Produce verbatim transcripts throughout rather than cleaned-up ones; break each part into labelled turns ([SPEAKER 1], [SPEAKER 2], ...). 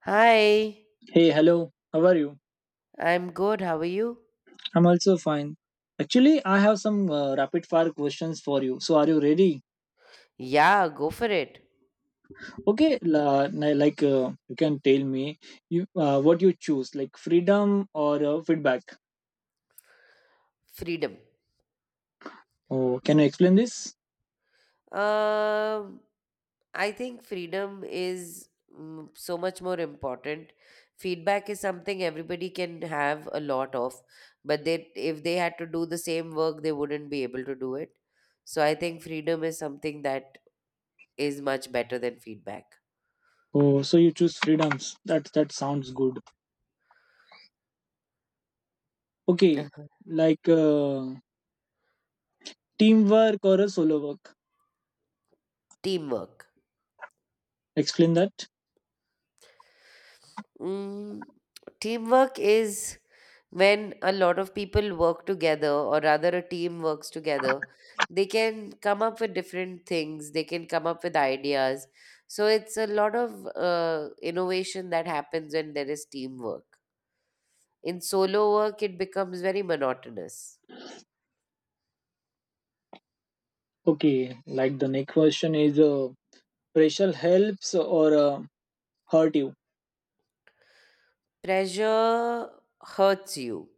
[SPEAKER 1] Hi,
[SPEAKER 2] Hey, hello. How are you?
[SPEAKER 1] I'm good. How are you?
[SPEAKER 2] I'm also fine. Actually, I have some uh, rapid fire questions for you. So, are you ready?
[SPEAKER 1] Yeah, go for it.
[SPEAKER 2] Okay, la- na- like uh, you can tell me you uh, what you choose, like freedom or uh, feedback.
[SPEAKER 1] Freedom.
[SPEAKER 2] Oh, can you explain this?
[SPEAKER 1] Um, I think freedom is mm, so much more important. Feedback is something everybody can have a lot of, but they if they had to do the same work, they wouldn't be able to do it. So I think freedom is something that is much better than feedback.
[SPEAKER 2] Oh, so you choose freedoms. That that sounds good. Okay,
[SPEAKER 1] Uh-huh.
[SPEAKER 2] like uh, teamwork or a solo work.
[SPEAKER 1] Teamwork.
[SPEAKER 2] Explain that.
[SPEAKER 1] Mm, Teamwork is when a lot of people work together, or rather, a team works together. They can come up with different things, they can come up with ideas. So, it's a lot of uh, innovation that happens when there is teamwork. In solo work, it becomes very monotonous.
[SPEAKER 2] Okay, like the next question is uh, pressure helps or uh, hurt you.
[SPEAKER 1] Pressure hurts you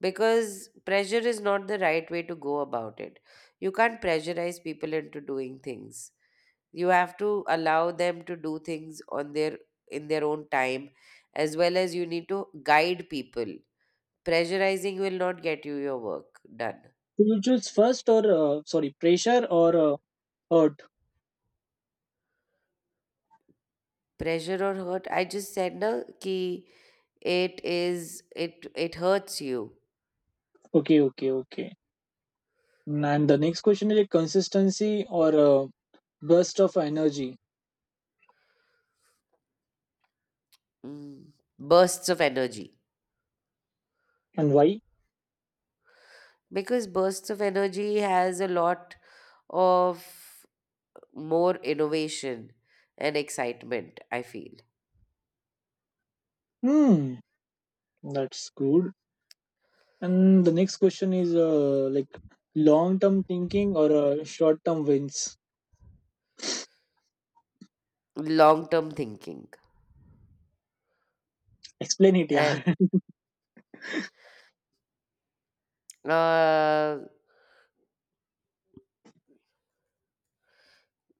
[SPEAKER 1] because pressure is not the right way to go about it. You can't pressurize people into doing things. You have to allow them to do things on their in their own time, as well as you need to guide people. Pressurizing will not get you your work done.
[SPEAKER 2] Do you choose first or uh, sorry, pressure or uh, hurt?
[SPEAKER 1] Pressure or hurt, I just said na ki it is, it it hurts you.
[SPEAKER 2] Okay, okay, okay. And the next question is a consistency or a burst of energy,
[SPEAKER 1] mm, Bursts of energy,
[SPEAKER 2] and why?
[SPEAKER 1] because bursts of energy has a lot of more innovation and excitement, I feel.
[SPEAKER 2] Hmm, that's good. And the next question is uh, like long-term thinking or uh, short-term wins.
[SPEAKER 1] Long term thinking.
[SPEAKER 2] Explain it, yeah.
[SPEAKER 1] And uh,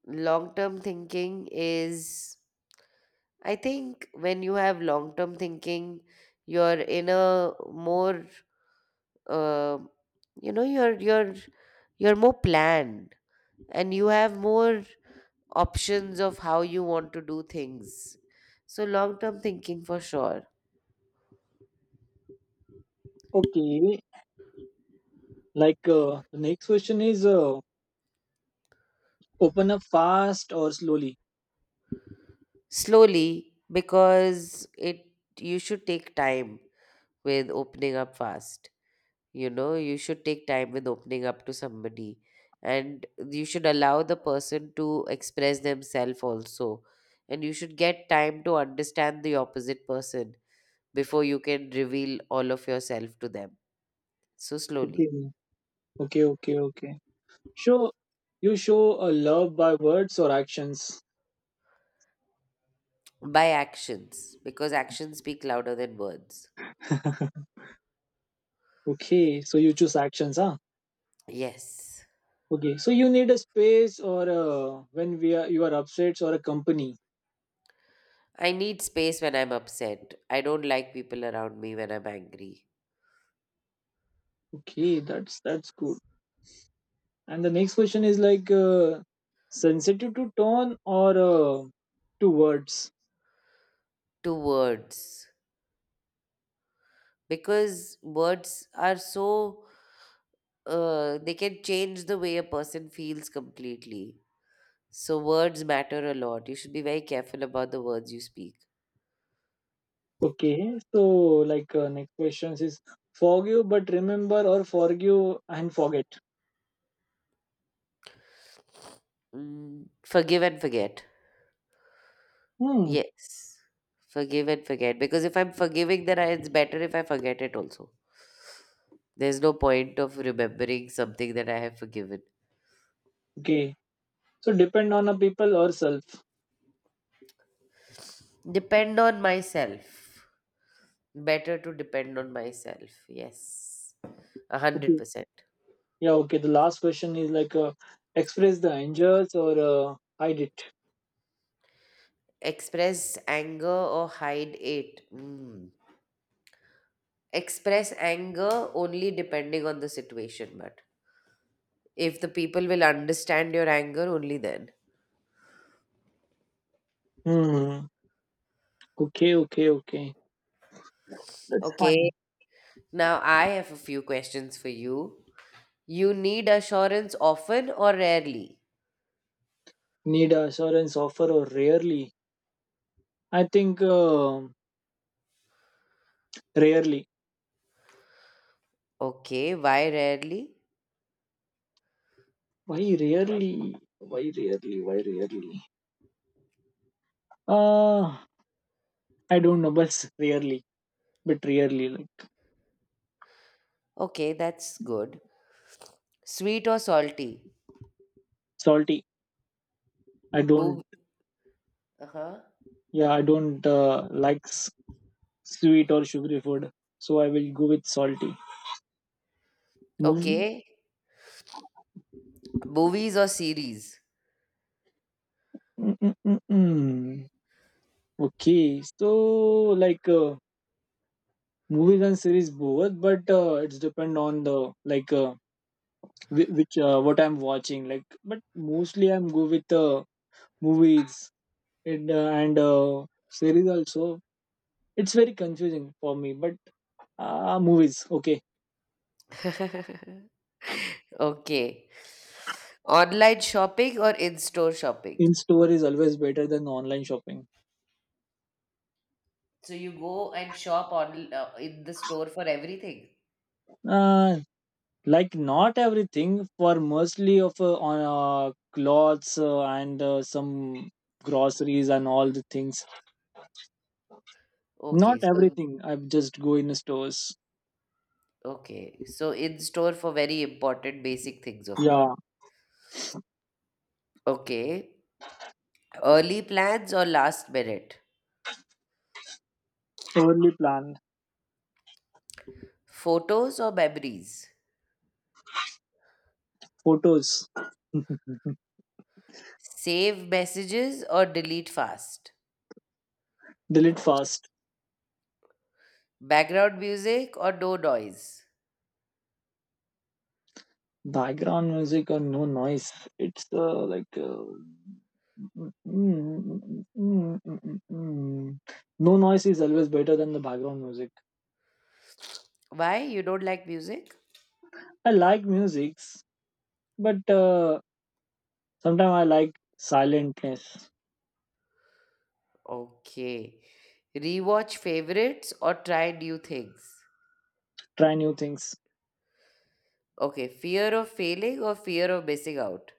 [SPEAKER 1] long term thinking is, I think when you have long term thinking you're in a more uh, you know you're you're you're more planned and you have more options of how you want to do things. So long term thinking for sure.
[SPEAKER 2] Okay, like uh, the next question is uh, open up fast or slowly.
[SPEAKER 1] Slowly, because it you should take time with opening up fast. You know, you should take time with opening up to somebody, and you should allow the person to express themselves also. And you should get time to understand the opposite person before you can reveal all of yourself to them. So slowly.
[SPEAKER 2] Okay, okay, okay, okay. Show You show a love by words or actions.
[SPEAKER 1] By actions, because actions speak louder than words.
[SPEAKER 2] Okay, so you choose actions, huh?
[SPEAKER 1] Yes.
[SPEAKER 2] Okay, so you need a space or a, when we are you are upset or a company.
[SPEAKER 1] I need space when I'm upset. I don't like people around me when I'm angry.
[SPEAKER 2] Okay, that's that's good. And the next question is like uh, sensitive to tone or uh, to words.
[SPEAKER 1] To words. Because words are so uh, they can change the way a person feels completely. So words matter a lot. You should be very careful about the words you speak.
[SPEAKER 2] Okay, so like uh, next questions is forgive but remember or forgive and forget.
[SPEAKER 1] Mm, forgive and forget.
[SPEAKER 2] Hmm.
[SPEAKER 1] Yes. Forgive and forget. Because if I'm forgiving, then I, it's better if I forget it also. There's no point of remembering something that I have forgiven.
[SPEAKER 2] Okay, so depend on a people or self.
[SPEAKER 1] Depend on myself. Better to depend on myself. Yes. A hundred
[SPEAKER 2] Okay,
[SPEAKER 1] percent.
[SPEAKER 2] yeah. Okay, the last question is like uh, express the injuries or uh, hide it.
[SPEAKER 1] Express anger or hide it. Mm. Express anger only depending on the situation, but if the people will understand your anger, only then.
[SPEAKER 2] Hmm. Okay, okay, okay. That's
[SPEAKER 1] Okay,
[SPEAKER 2] fine.
[SPEAKER 1] now I have a few questions for you. You need assurance often or rarely?
[SPEAKER 2] Need assurance offer or rarely? I think um rarely.
[SPEAKER 1] Okay, why rarely?
[SPEAKER 2] Why rarely? Why rarely? Why rarely? Uh I don't know, but rarely. But rarely, like
[SPEAKER 1] Okay, that's good. Sweet or salty?
[SPEAKER 2] salty. I don't.
[SPEAKER 1] Move. Uh-huh.
[SPEAKER 2] Yeah, I don't uh, like s- sweet or sugary food, so I will go with salty. Move.
[SPEAKER 1] Okay, movies or series?
[SPEAKER 2] Mm-mm-mm-mm. Okay, so like. Uh, movies and series both but uh, it's depend on the like uh, whi- which uh, what I'm watching like but mostly I'm go with uh, movies and uh, and uh, series also. It's very confusing for me but uh, movies, okay.
[SPEAKER 1] Okay, online shopping or in-store shopping?
[SPEAKER 2] In store is always better than online shopping.
[SPEAKER 1] So you go and shop on uh, in the store for everything.
[SPEAKER 2] uh, like not everything, for mostly of uh, on uh, clothes uh, and uh, some groceries and all the things. Not
[SPEAKER 1] Okay, so
[SPEAKER 2] everything, I just go in stores.
[SPEAKER 1] okay, so in store for very important basic things of life.
[SPEAKER 2] Yeah.
[SPEAKER 1] Okay, early plans or last minute?
[SPEAKER 2] Poorly planned.
[SPEAKER 1] Photos or memories?
[SPEAKER 2] Photos.
[SPEAKER 1] Save messages or delete fast?
[SPEAKER 2] Delete fast.
[SPEAKER 1] Background music or no noise?
[SPEAKER 2] Background music or no noise. It's uh, like. Uh, mm, mm, mm, mm, mm. No noise is always better than the background music.
[SPEAKER 1] Why you don't like music?
[SPEAKER 2] I like musics, but uh, sometimes I like silentness.
[SPEAKER 1] Okay, rewatch favorites or try new things.
[SPEAKER 2] Try new things.
[SPEAKER 1] Okay, fear of failing or fear of missing out?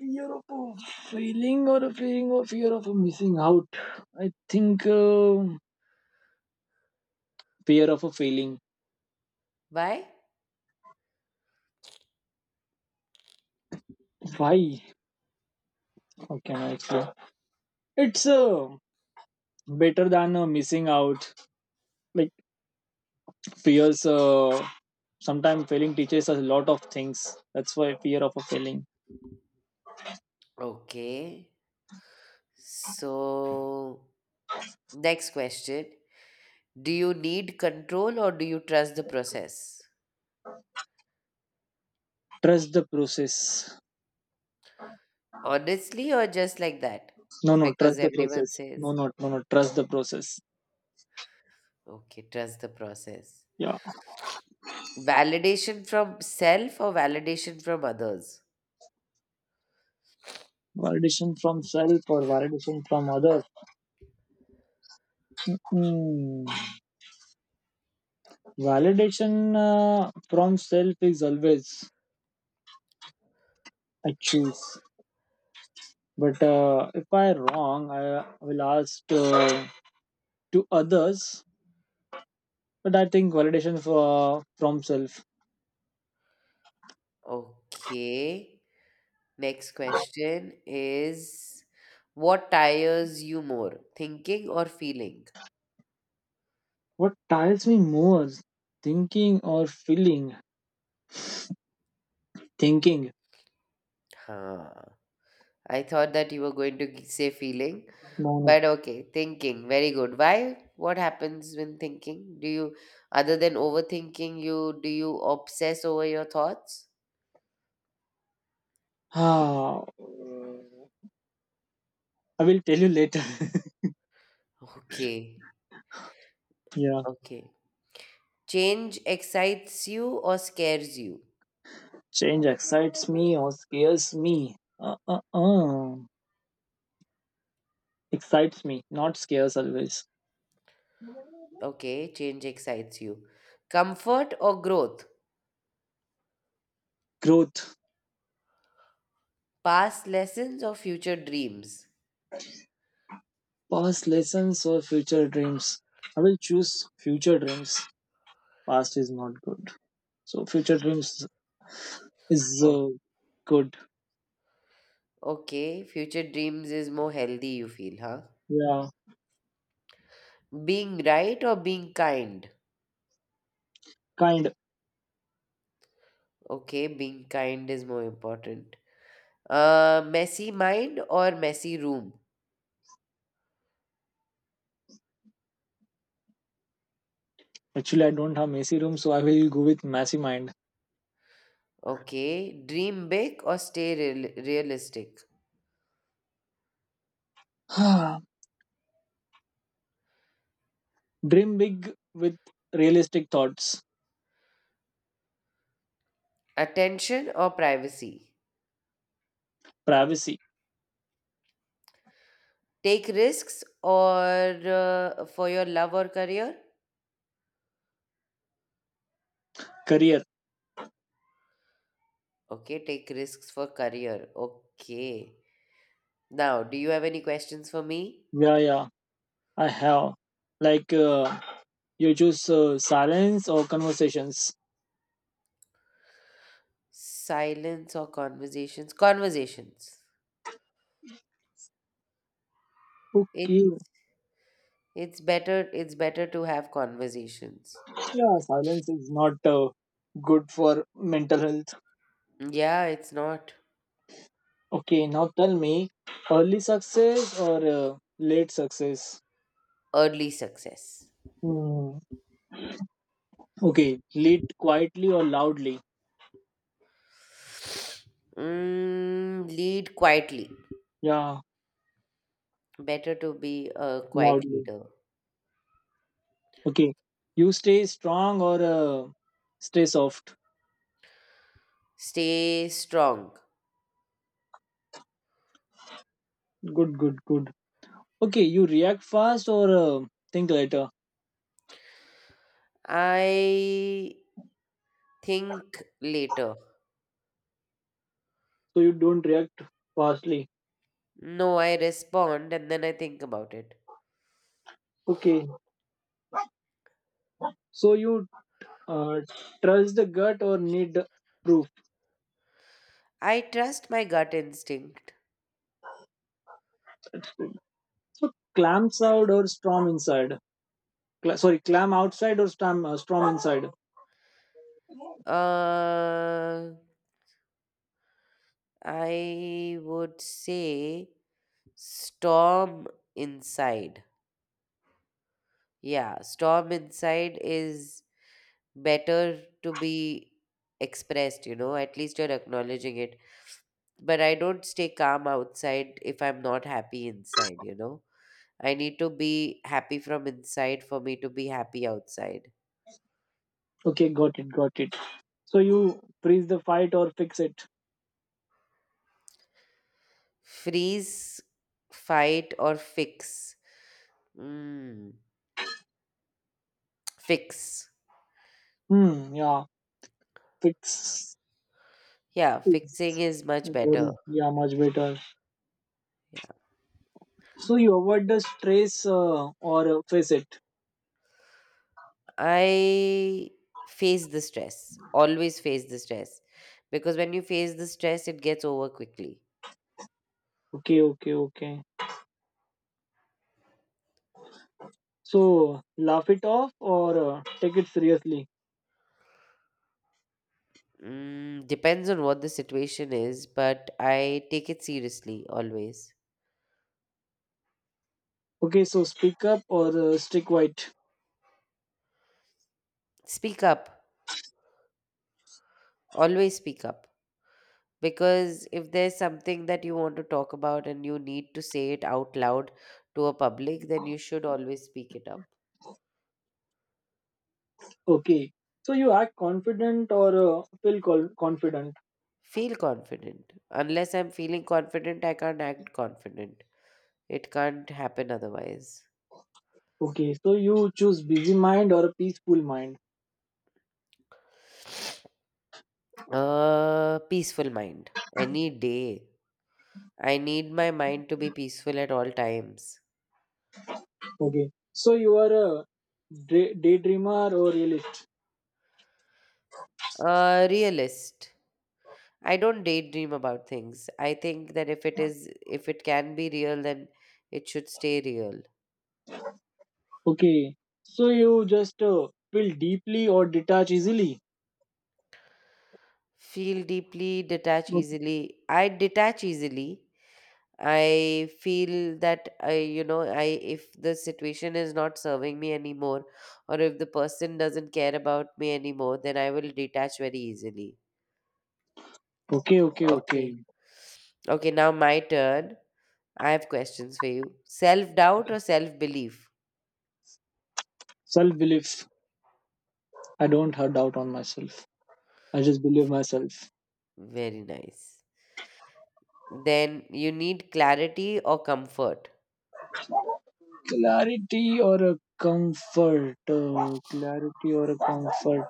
[SPEAKER 2] Fear of a failing or a feeling or fear of a missing out. I think uh, fear of a failing.
[SPEAKER 1] Why?
[SPEAKER 2] Why? How can I explain? It's a better than uh, missing out, like fears uh, sometimes failing teaches us a lot of things. That's why fear of a failing.
[SPEAKER 1] Okay. So, next question. Do you need control or do you trust the process?
[SPEAKER 2] Trust the process.
[SPEAKER 1] Honestly, or just like that?
[SPEAKER 2] No no trust
[SPEAKER 1] Because
[SPEAKER 2] the
[SPEAKER 1] everyone
[SPEAKER 2] process. No,
[SPEAKER 1] says,
[SPEAKER 2] no, no, no, trust the process.
[SPEAKER 1] okay, trust the process.
[SPEAKER 2] Yeah.
[SPEAKER 1] Validation from self or validation from others?
[SPEAKER 2] Validation from self or validation from others. Hmm. Validation uh, from self is always I choose, but uh, if I wrong I will ask uh, to others, but I think validation for, from self.
[SPEAKER 1] Okay. Next question is, what tires you more, thinking or feeling?
[SPEAKER 2] What tires me more is thinking or feeling. Thinking.
[SPEAKER 1] Huh. I thought that you were going to g- say feeling,
[SPEAKER 2] No, no.
[SPEAKER 1] but okay, thinking. Very good. Why? What happens when thinking? Do you, other than overthinking, you do you obsess over your thoughts?
[SPEAKER 2] Ah, I will tell you later.
[SPEAKER 1] Okay,
[SPEAKER 2] Yeah.
[SPEAKER 1] okay. Change excites you or scares you?
[SPEAKER 2] Change excites me or scares me. Uh, uh, uh. Excites me, not scares always.
[SPEAKER 1] Okay, change excites you. Comfort or growth?
[SPEAKER 2] Growth,
[SPEAKER 1] Past lessons or future dreams?
[SPEAKER 2] past lessons or future dreams. I will choose future dreams. Past is not good. So future dreams is
[SPEAKER 1] O-
[SPEAKER 2] uh, good.
[SPEAKER 1] Okay, future dreams is more healthy, you feel, huh?
[SPEAKER 2] Yeah,
[SPEAKER 1] Being right or being kind?
[SPEAKER 2] kind.
[SPEAKER 1] Okay, being kind is more important. Uh, messy mind or messy room?
[SPEAKER 2] Actually, I don't have messy room, so I will go with messy mind.
[SPEAKER 1] Okay, dream big or stay real- realistic.
[SPEAKER 2] Dream big with realistic thoughts,
[SPEAKER 1] Attention or privacy?
[SPEAKER 2] privacy,
[SPEAKER 1] Take risks or uh, for your love or career?
[SPEAKER 2] career.
[SPEAKER 1] Okay, take risks for career. Okay. Now, do you have any questions for me?
[SPEAKER 2] Yeah, yeah, I have. Like, uh, you choose uh, silence or conversations.
[SPEAKER 1] Silence or conversations? Conversations. It
[SPEAKER 2] Okay.
[SPEAKER 1] it's better it's better to have conversations.
[SPEAKER 2] Yeah, silence is not uh, good for mental health.
[SPEAKER 1] Yeah, it's not.
[SPEAKER 2] Okay, now tell me, early success or uh, late success?
[SPEAKER 1] Early success.
[SPEAKER 2] Hmm. Okay, late quietly or loudly?
[SPEAKER 1] Mm, lead quietly.
[SPEAKER 2] Yeah,
[SPEAKER 1] Better to be a quiet
[SPEAKER 2] loudly.
[SPEAKER 1] leader.
[SPEAKER 2] Okay, you stay strong or uh, stay soft?
[SPEAKER 1] Stay strong.
[SPEAKER 2] Good, good, good. Okay, you react fast or uh, think later.
[SPEAKER 1] I think later.
[SPEAKER 2] So you don't react fastly.
[SPEAKER 1] No, I respond and then I think about it.
[SPEAKER 2] Okay, so you uh, trust the gut or need proof.
[SPEAKER 1] I trust my gut instinct.
[SPEAKER 2] So clamps out or storm inside. Cla- sorry, clam outside or storm uh, storm inside.
[SPEAKER 1] Uh, I would say storm inside. Yeah, storm inside is better to be expressed, you know, at least you're acknowledging it. But I don't stay calm outside if I'm not happy inside, you know. I need to be happy from inside for me to be happy outside.
[SPEAKER 2] Okay, got it, got it. So you freeze the fight or fix it.
[SPEAKER 1] Freeze, fight, or fix. Mm, Fix.
[SPEAKER 2] Hmm. Yeah, fix.
[SPEAKER 1] Yeah,
[SPEAKER 2] Fix.
[SPEAKER 1] fixing is much better.
[SPEAKER 2] Sorry. Yeah, much better.
[SPEAKER 1] Yeah.
[SPEAKER 2] So you avoid the stress uh, or uh, face it.
[SPEAKER 1] I face the stress, always face the stress. Because when you face the stress, it gets over quickly.
[SPEAKER 2] Okay, okay, okay. So laugh it off or uh, take it seriously.
[SPEAKER 1] Mm, depends on what the situation is, but I take it seriously always.
[SPEAKER 2] Okay, so speak up or uh, stick quiet.
[SPEAKER 1] Speak up. Always speak up. Because if there's something that you want to talk about and you need to say it out loud to a public, then you should always speak it up.
[SPEAKER 2] Okay, so you act confident or uh, feel col- confident.
[SPEAKER 1] Feel confident. Unless I'm feeling confident, I can't act confident. It can't happen otherwise.
[SPEAKER 2] Okay, so you choose busy mind or a peaceful mind.
[SPEAKER 1] Uh, peaceful mind. Any day. I need my mind to be peaceful at all times.
[SPEAKER 2] Okay, so you are a day- daydreamer or realist.
[SPEAKER 1] Uh, realist. I don't daydream about things. I think that if it is if it can be real then it should stay real.
[SPEAKER 2] Okay, so you just uh, feel deeply or detach easily.
[SPEAKER 1] Feel deeply, detach easily. I detach easily. I feel that I you know I if the situation is not serving me anymore, or if the person doesn't care about me anymore, then I will detach very easily.
[SPEAKER 2] Okay, okay, okay.
[SPEAKER 1] Okay. Okay, now my turn. I have questions for you. Self doubt or self belief?
[SPEAKER 2] Self belief. I don't have doubt on myself. I just believe myself.
[SPEAKER 1] Very nice. Then you need clarity or comfort.
[SPEAKER 2] Clarity or a comfort uh, clarity or a comfort.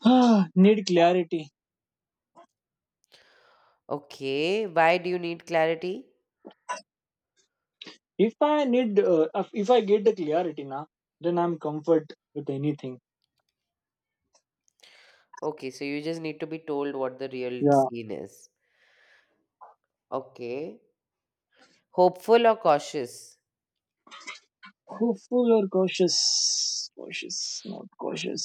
[SPEAKER 2] Need clarity.
[SPEAKER 1] Okay, why do you need clarity?
[SPEAKER 2] If I need uh, if I get the clarity now, then I'm comfort with anything.
[SPEAKER 1] Okay, so you just need to be told what the real
[SPEAKER 2] Yeah.
[SPEAKER 1] scene is. Okay. Hopeful or cautious?
[SPEAKER 2] Hopeful or cautious. Cautious. Not cautious,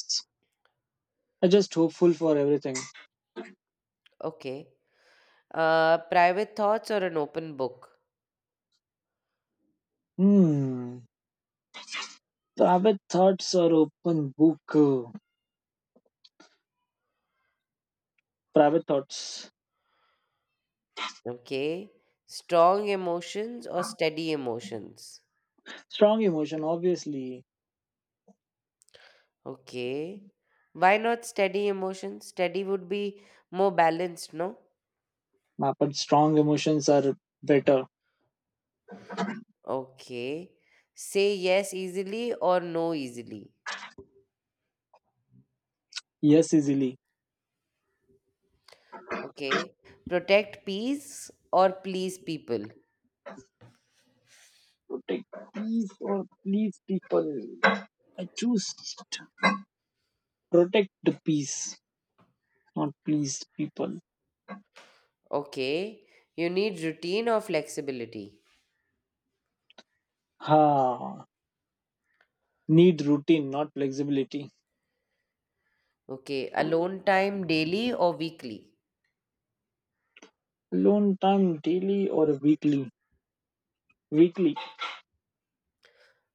[SPEAKER 2] I just hopeful for everything.
[SPEAKER 1] Okay. Uh, private thoughts or an open book?
[SPEAKER 2] Hmm. private thoughts or open book uh, Private thoughts.
[SPEAKER 1] Okay. Strong emotions or steady emotions?
[SPEAKER 2] Strong emotion obviously.
[SPEAKER 1] Okay. Why not steady emotions? Steady would be more balanced, no?
[SPEAKER 2] My but strong emotions are better.
[SPEAKER 1] Okay. Say yes easily or no easily?
[SPEAKER 2] Yes easily.
[SPEAKER 1] Okay. Protect peace or please people.
[SPEAKER 2] Protect peace or please people. I choose to protect the peace, not please people.
[SPEAKER 1] Okay. You need routine or flexibility?
[SPEAKER 2] Ha. Need routine, not flexibility.
[SPEAKER 1] Okay. Alone time daily or weekly?
[SPEAKER 2] Alone time daily or weekly. Weekly.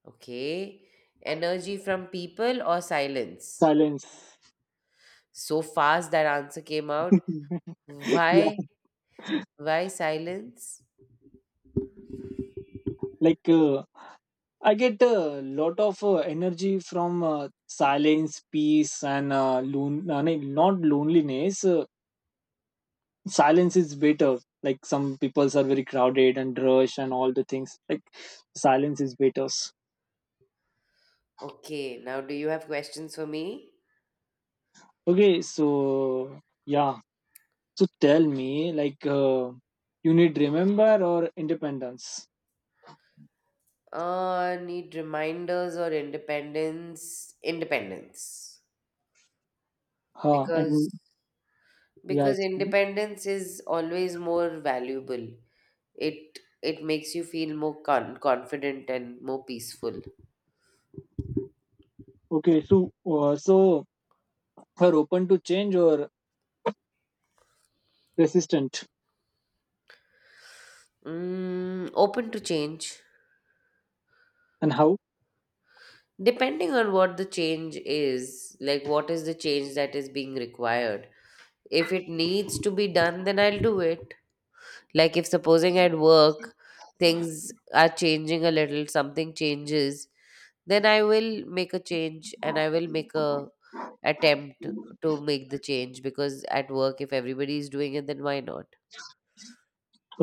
[SPEAKER 1] Okay. Energy from people or silence?
[SPEAKER 2] Silence.
[SPEAKER 1] So fast that answer came out.
[SPEAKER 2] Yeah.
[SPEAKER 1] Why? Why silence?
[SPEAKER 2] Like uh, I get a lot of uh, energy from uh, silence, peace, and uh, lon- uh, no, not loneliness. Uh, silence is better. Like some peoples are very crowded and rush and all the things, like silence is better.
[SPEAKER 1] Okay. Now, do you have questions for me?
[SPEAKER 2] Okay, so yeah, so tell me like uh, you need remember or independence.
[SPEAKER 1] Uh, need reminders or independence? Independence.
[SPEAKER 2] Huh,
[SPEAKER 1] Because
[SPEAKER 2] and yeah,
[SPEAKER 1] because
[SPEAKER 2] it's-
[SPEAKER 1] independence is always more valuable. It it makes you feel more con- confident and more peaceful.
[SPEAKER 2] okay, so uh, so are open to change or resistant.
[SPEAKER 1] Mm, open to change,
[SPEAKER 2] And how?
[SPEAKER 1] depending on what the change is, like what is the change that is being required. If it needs to be done, then I'll do it. Like if supposing at work things are changing a little, something changes, then I will make a change and I will make a attempt to make the change, because at work if everybody is doing it then why not?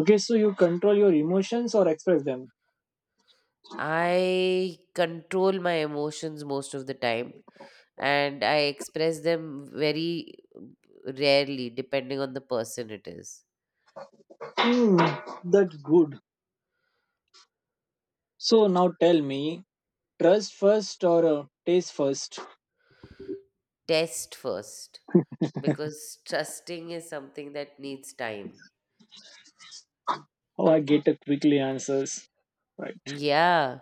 [SPEAKER 2] Okay, so you control your emotions or express them.
[SPEAKER 1] I control my emotions most of the time, and I express them very rarely depending on the person it is.
[SPEAKER 2] Hmm, that's good. So now tell me, trust first or uh, taste first?
[SPEAKER 1] Test first, because trusting is something that needs time.
[SPEAKER 2] Oh, I get a quickly answers. Right.
[SPEAKER 1] Yeah.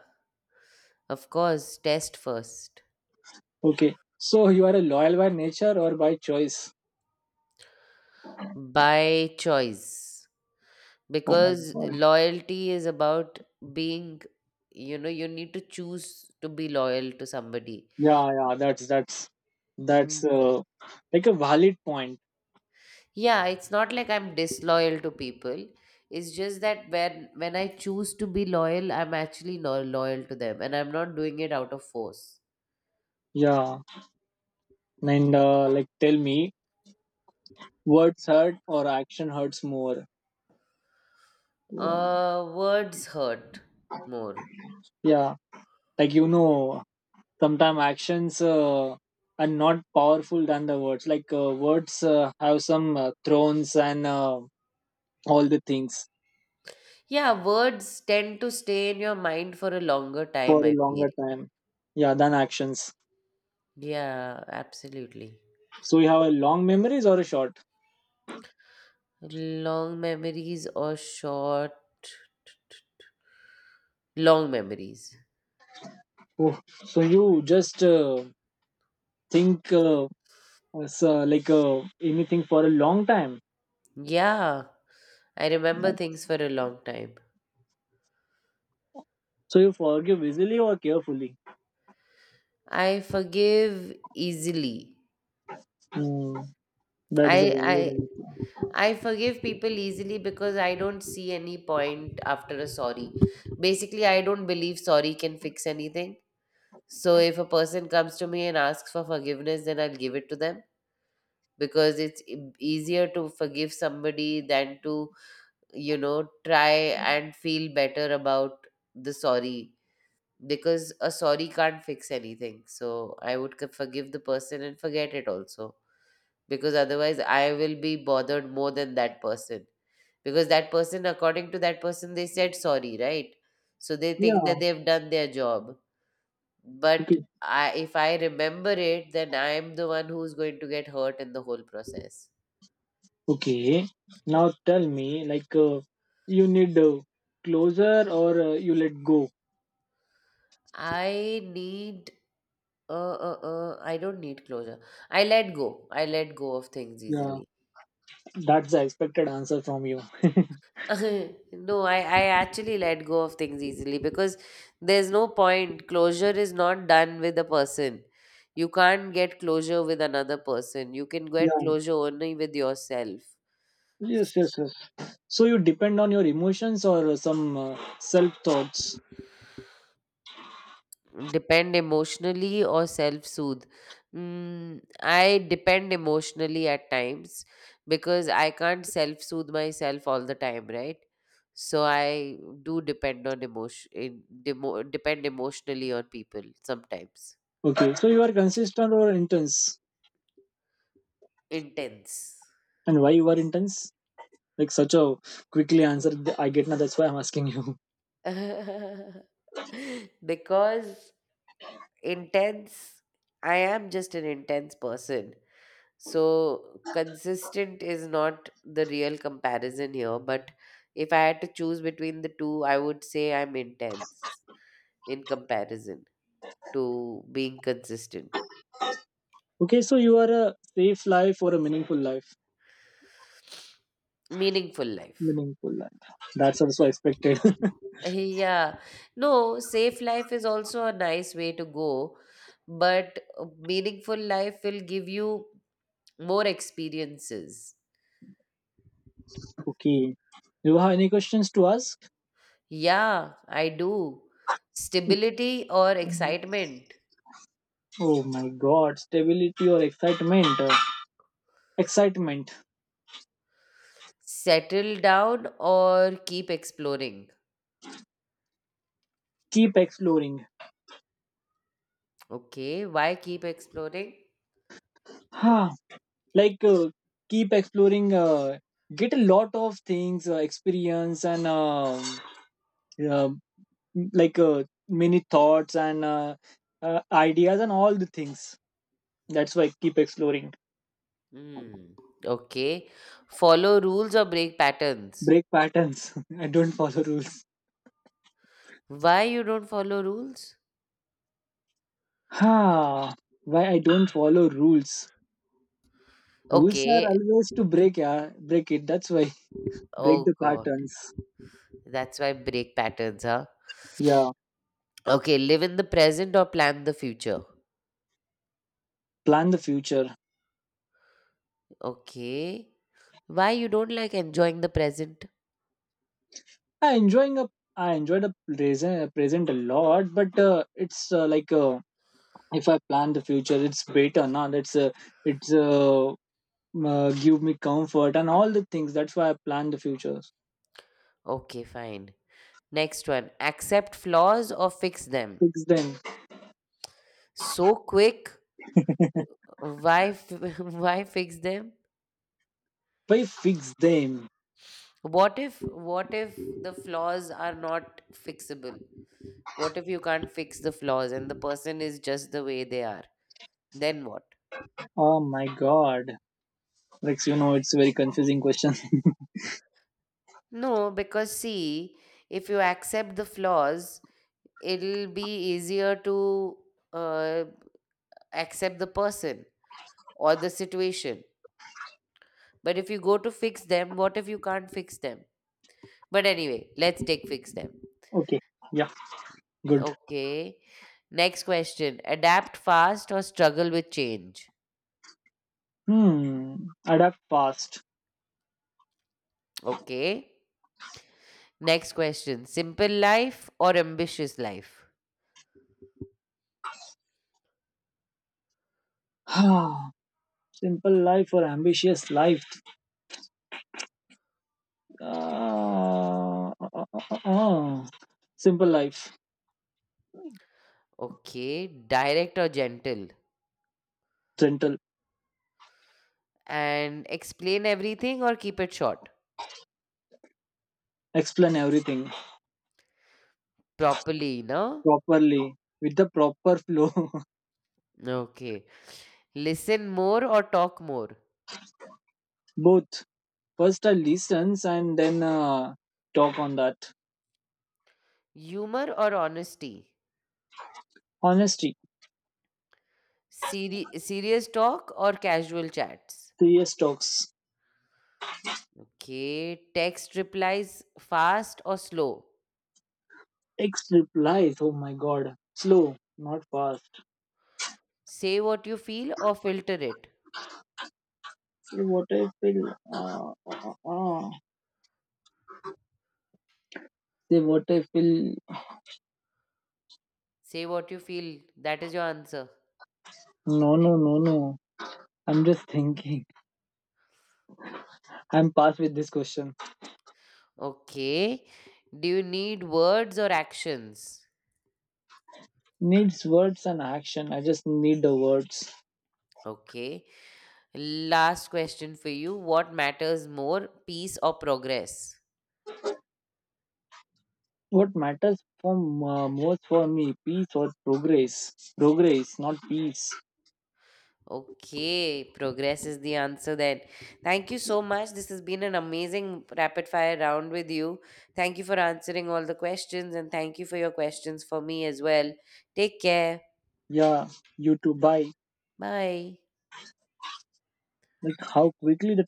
[SPEAKER 1] Of course, test first.
[SPEAKER 2] Okay. So you are a loyal by nature or by choice?
[SPEAKER 1] By choice,
[SPEAKER 2] Oh my
[SPEAKER 1] because
[SPEAKER 2] god.
[SPEAKER 1] loyalty is about being, you know, you need to choose to be loyal to somebody.
[SPEAKER 2] Yeah, yeah. That's that's
[SPEAKER 1] Mm,
[SPEAKER 2] that's uh, like a valid point.
[SPEAKER 1] Yeah, it's not like I'm disloyal to people. It's just that when when I choose to be loyal, I'm actually lo- loyal to them, and I'm not doing it out of force.
[SPEAKER 2] Yeah. And uh, like, tell me, words hurt or action hurts more? Word.
[SPEAKER 1] Uh, words hurt more.
[SPEAKER 2] Yeah, like you know, sometimes actions uh, are not powerful than the words. Like uh, words uh, have some uh, thrones and uh, all the things
[SPEAKER 1] Yeah, words tend to stay in your mind for a longer
[SPEAKER 2] for a
[SPEAKER 1] time, I feel.
[SPEAKER 2] longer time. Yeah, than actions.
[SPEAKER 1] Yeah, absolutely.
[SPEAKER 2] So you have a long memories or a short.
[SPEAKER 1] Long memories or short, long memories.
[SPEAKER 2] Oh, so you just uh, think uh, as, uh, like uh, anything for a long time.
[SPEAKER 1] Yeah, I remember things for a long time.
[SPEAKER 2] So you forgive easily or carefully.
[SPEAKER 1] I forgive easily.
[SPEAKER 2] Hmm, that
[SPEAKER 1] I
[SPEAKER 2] is a valid answer.
[SPEAKER 1] I I forgive people easily because I don't see any point after a sorry. Basically, I don't believe sorry can fix anything. So if a person comes to me and asks for forgiveness, then I'll give it to them, because it's e- easier to forgive somebody than to you know, try and feel better about the sorry, because a sorry can't fix anything. So I would c- forgive the person and forget it also, because otherwise I will be bothered more than that person, because that person, according to that person, they said sorry, right? So they think that
[SPEAKER 2] Yeah.
[SPEAKER 1] they've done their job.
[SPEAKER 2] Okay.
[SPEAKER 1] But I, if I remember it, then I am the one who's going to get hurt in the whole process.
[SPEAKER 2] Okay. Now tell me, like, uh, you need uh, closure or uh, you let go.
[SPEAKER 1] I need uh, uh, uh, I don't need closure. I let go. I let go of things
[SPEAKER 2] Yeah,
[SPEAKER 1] easily.
[SPEAKER 2] that's the expected answer from you.
[SPEAKER 1] No, I, I actually let go of things easily because there's no point. Closure is not done with a person. You can't get closure with another person. You can get
[SPEAKER 2] Yeah.
[SPEAKER 1] closure only with yourself.
[SPEAKER 2] Yes, yes, yes. So you depend on your emotions or some uh, self thoughts.
[SPEAKER 1] Depend emotionally or self soothe? Mm, I depend emotionally at times, because I can't self soothe myself all the time, right? So I do depend on emotion, in, demo, depend emotionally on people sometimes.
[SPEAKER 2] Okay. So you are consistent or intense,
[SPEAKER 1] Intense.
[SPEAKER 2] and why you are intense? Like such a quickly answer, th- I get now. That's why I'm asking you.
[SPEAKER 1] Because intense, I am just an intense person. So consistent is not the real comparison here, but if I had to choose between the two, I would say I'm intense in comparison to being consistent.
[SPEAKER 2] Okay. So you are a safe life or a meaningful life.
[SPEAKER 1] Meaningful life.
[SPEAKER 2] Meaningful life. That's also expected.
[SPEAKER 1] Yeah. No, safe life is also a nice way to go, but meaningful life will give you more experiences.
[SPEAKER 2] Okay. Do you have any questions to ask?
[SPEAKER 1] Yeah, I do. Stability or excitement.
[SPEAKER 2] Oh my God! Stability or excitement? Uh, excitement.
[SPEAKER 1] Settle down or keep exploring?
[SPEAKER 2] Keep exploring.
[SPEAKER 1] Okay, why keep exploring?
[SPEAKER 2] Like uh, keep exploring uh, get a lot of things uh, experience and um, uh, like uh, many thoughts and uh, uh, ideas and all the things. That's why keep exploring.
[SPEAKER 1] Hmm. Okay. Follow rules or break patterns?
[SPEAKER 2] Break patterns. I don't follow rules.
[SPEAKER 1] Why you don't follow rules?
[SPEAKER 2] Ha. Why I don't follow rules. Rules are
[SPEAKER 1] Okay.
[SPEAKER 2] always to break, yeah, break it, that's why. Break
[SPEAKER 1] Oh
[SPEAKER 2] the
[SPEAKER 1] god.
[SPEAKER 2] patterns.
[SPEAKER 1] That's why break patterns, huh?
[SPEAKER 2] Yeah.
[SPEAKER 1] Okay, live in the present or plan the future.
[SPEAKER 2] Plan the future.
[SPEAKER 1] Okay. Why you don't like enjoying the present?
[SPEAKER 2] i enjoying a I enjoyed a present present a lot, but uh, it's uh, like uh, if I plan the future it's better now. That's uh, it's uh, uh, give me comfort and all the things. That's why I plan the futures.
[SPEAKER 1] Okay, fine. Next one. Accept flaws or fix them.
[SPEAKER 2] Fix them.
[SPEAKER 1] So quick. W- Why f- why fix them?
[SPEAKER 2] Why fix them.
[SPEAKER 1] What if what if the flaws are not fixable? What if you can't fix the flaws and the person is just the way they are? Then what?
[SPEAKER 2] Oh my god, Rex! You know, it's a very confusing question.
[SPEAKER 1] No, because see, if you accept the flaws, it'll be easier to uh, accept the person or the situation. But if you go to fix them, what if you can't fix them? But anyway, let's take fix them.
[SPEAKER 2] Okay, yeah, good.
[SPEAKER 1] Okay. Next question. Adapt fast or struggle with change?
[SPEAKER 2] Hmm, adapt fast.
[SPEAKER 1] Okay. Next question, simple life or ambitious life?
[SPEAKER 2] simple life or ambitious life uh, uh, uh, uh. uh. Simple life.
[SPEAKER 1] Okay, direct or gentle?
[SPEAKER 2] Gentle.
[SPEAKER 1] And explain everything or keep it short?
[SPEAKER 2] Explain everything
[SPEAKER 1] Properly, no?
[SPEAKER 2] properly, with the proper flow.
[SPEAKER 1] Okay. Listen more or talk more?
[SPEAKER 2] Both. First, I listens and then uh, talk on that.
[SPEAKER 1] Humor or honesty?
[SPEAKER 2] Honesty,
[SPEAKER 1] Seri- serious talk or casual chats?
[SPEAKER 2] serious talks.
[SPEAKER 1] Okay, text replies fast or slow?
[SPEAKER 2] Text replies. Oh my god, slow, not fast.
[SPEAKER 1] Say what you feel or filter it?
[SPEAKER 2] Say what I feel. Uh, uh, uh. Say what I feel.
[SPEAKER 1] Say what you feel. That is your answer.
[SPEAKER 2] No, no, no, no. I'm just thinking. I'm past with this question.
[SPEAKER 1] Okay. Do you need words or actions?
[SPEAKER 2] Needs words and action. I just need the words.
[SPEAKER 1] Okay. Last question for you. What matters more, peace or progress?
[SPEAKER 2] What matters for m- uh, most for me, peace or progress? Progress, not peace.
[SPEAKER 1] Okay. Progress is the answer then. Thank you so much. This has been an amazing rapid fire round with you. Thank you for answering all the questions and thank you for your questions for me as well. Take care.
[SPEAKER 2] Yeah, you to buy.
[SPEAKER 1] Bye.
[SPEAKER 2] Like how quickly the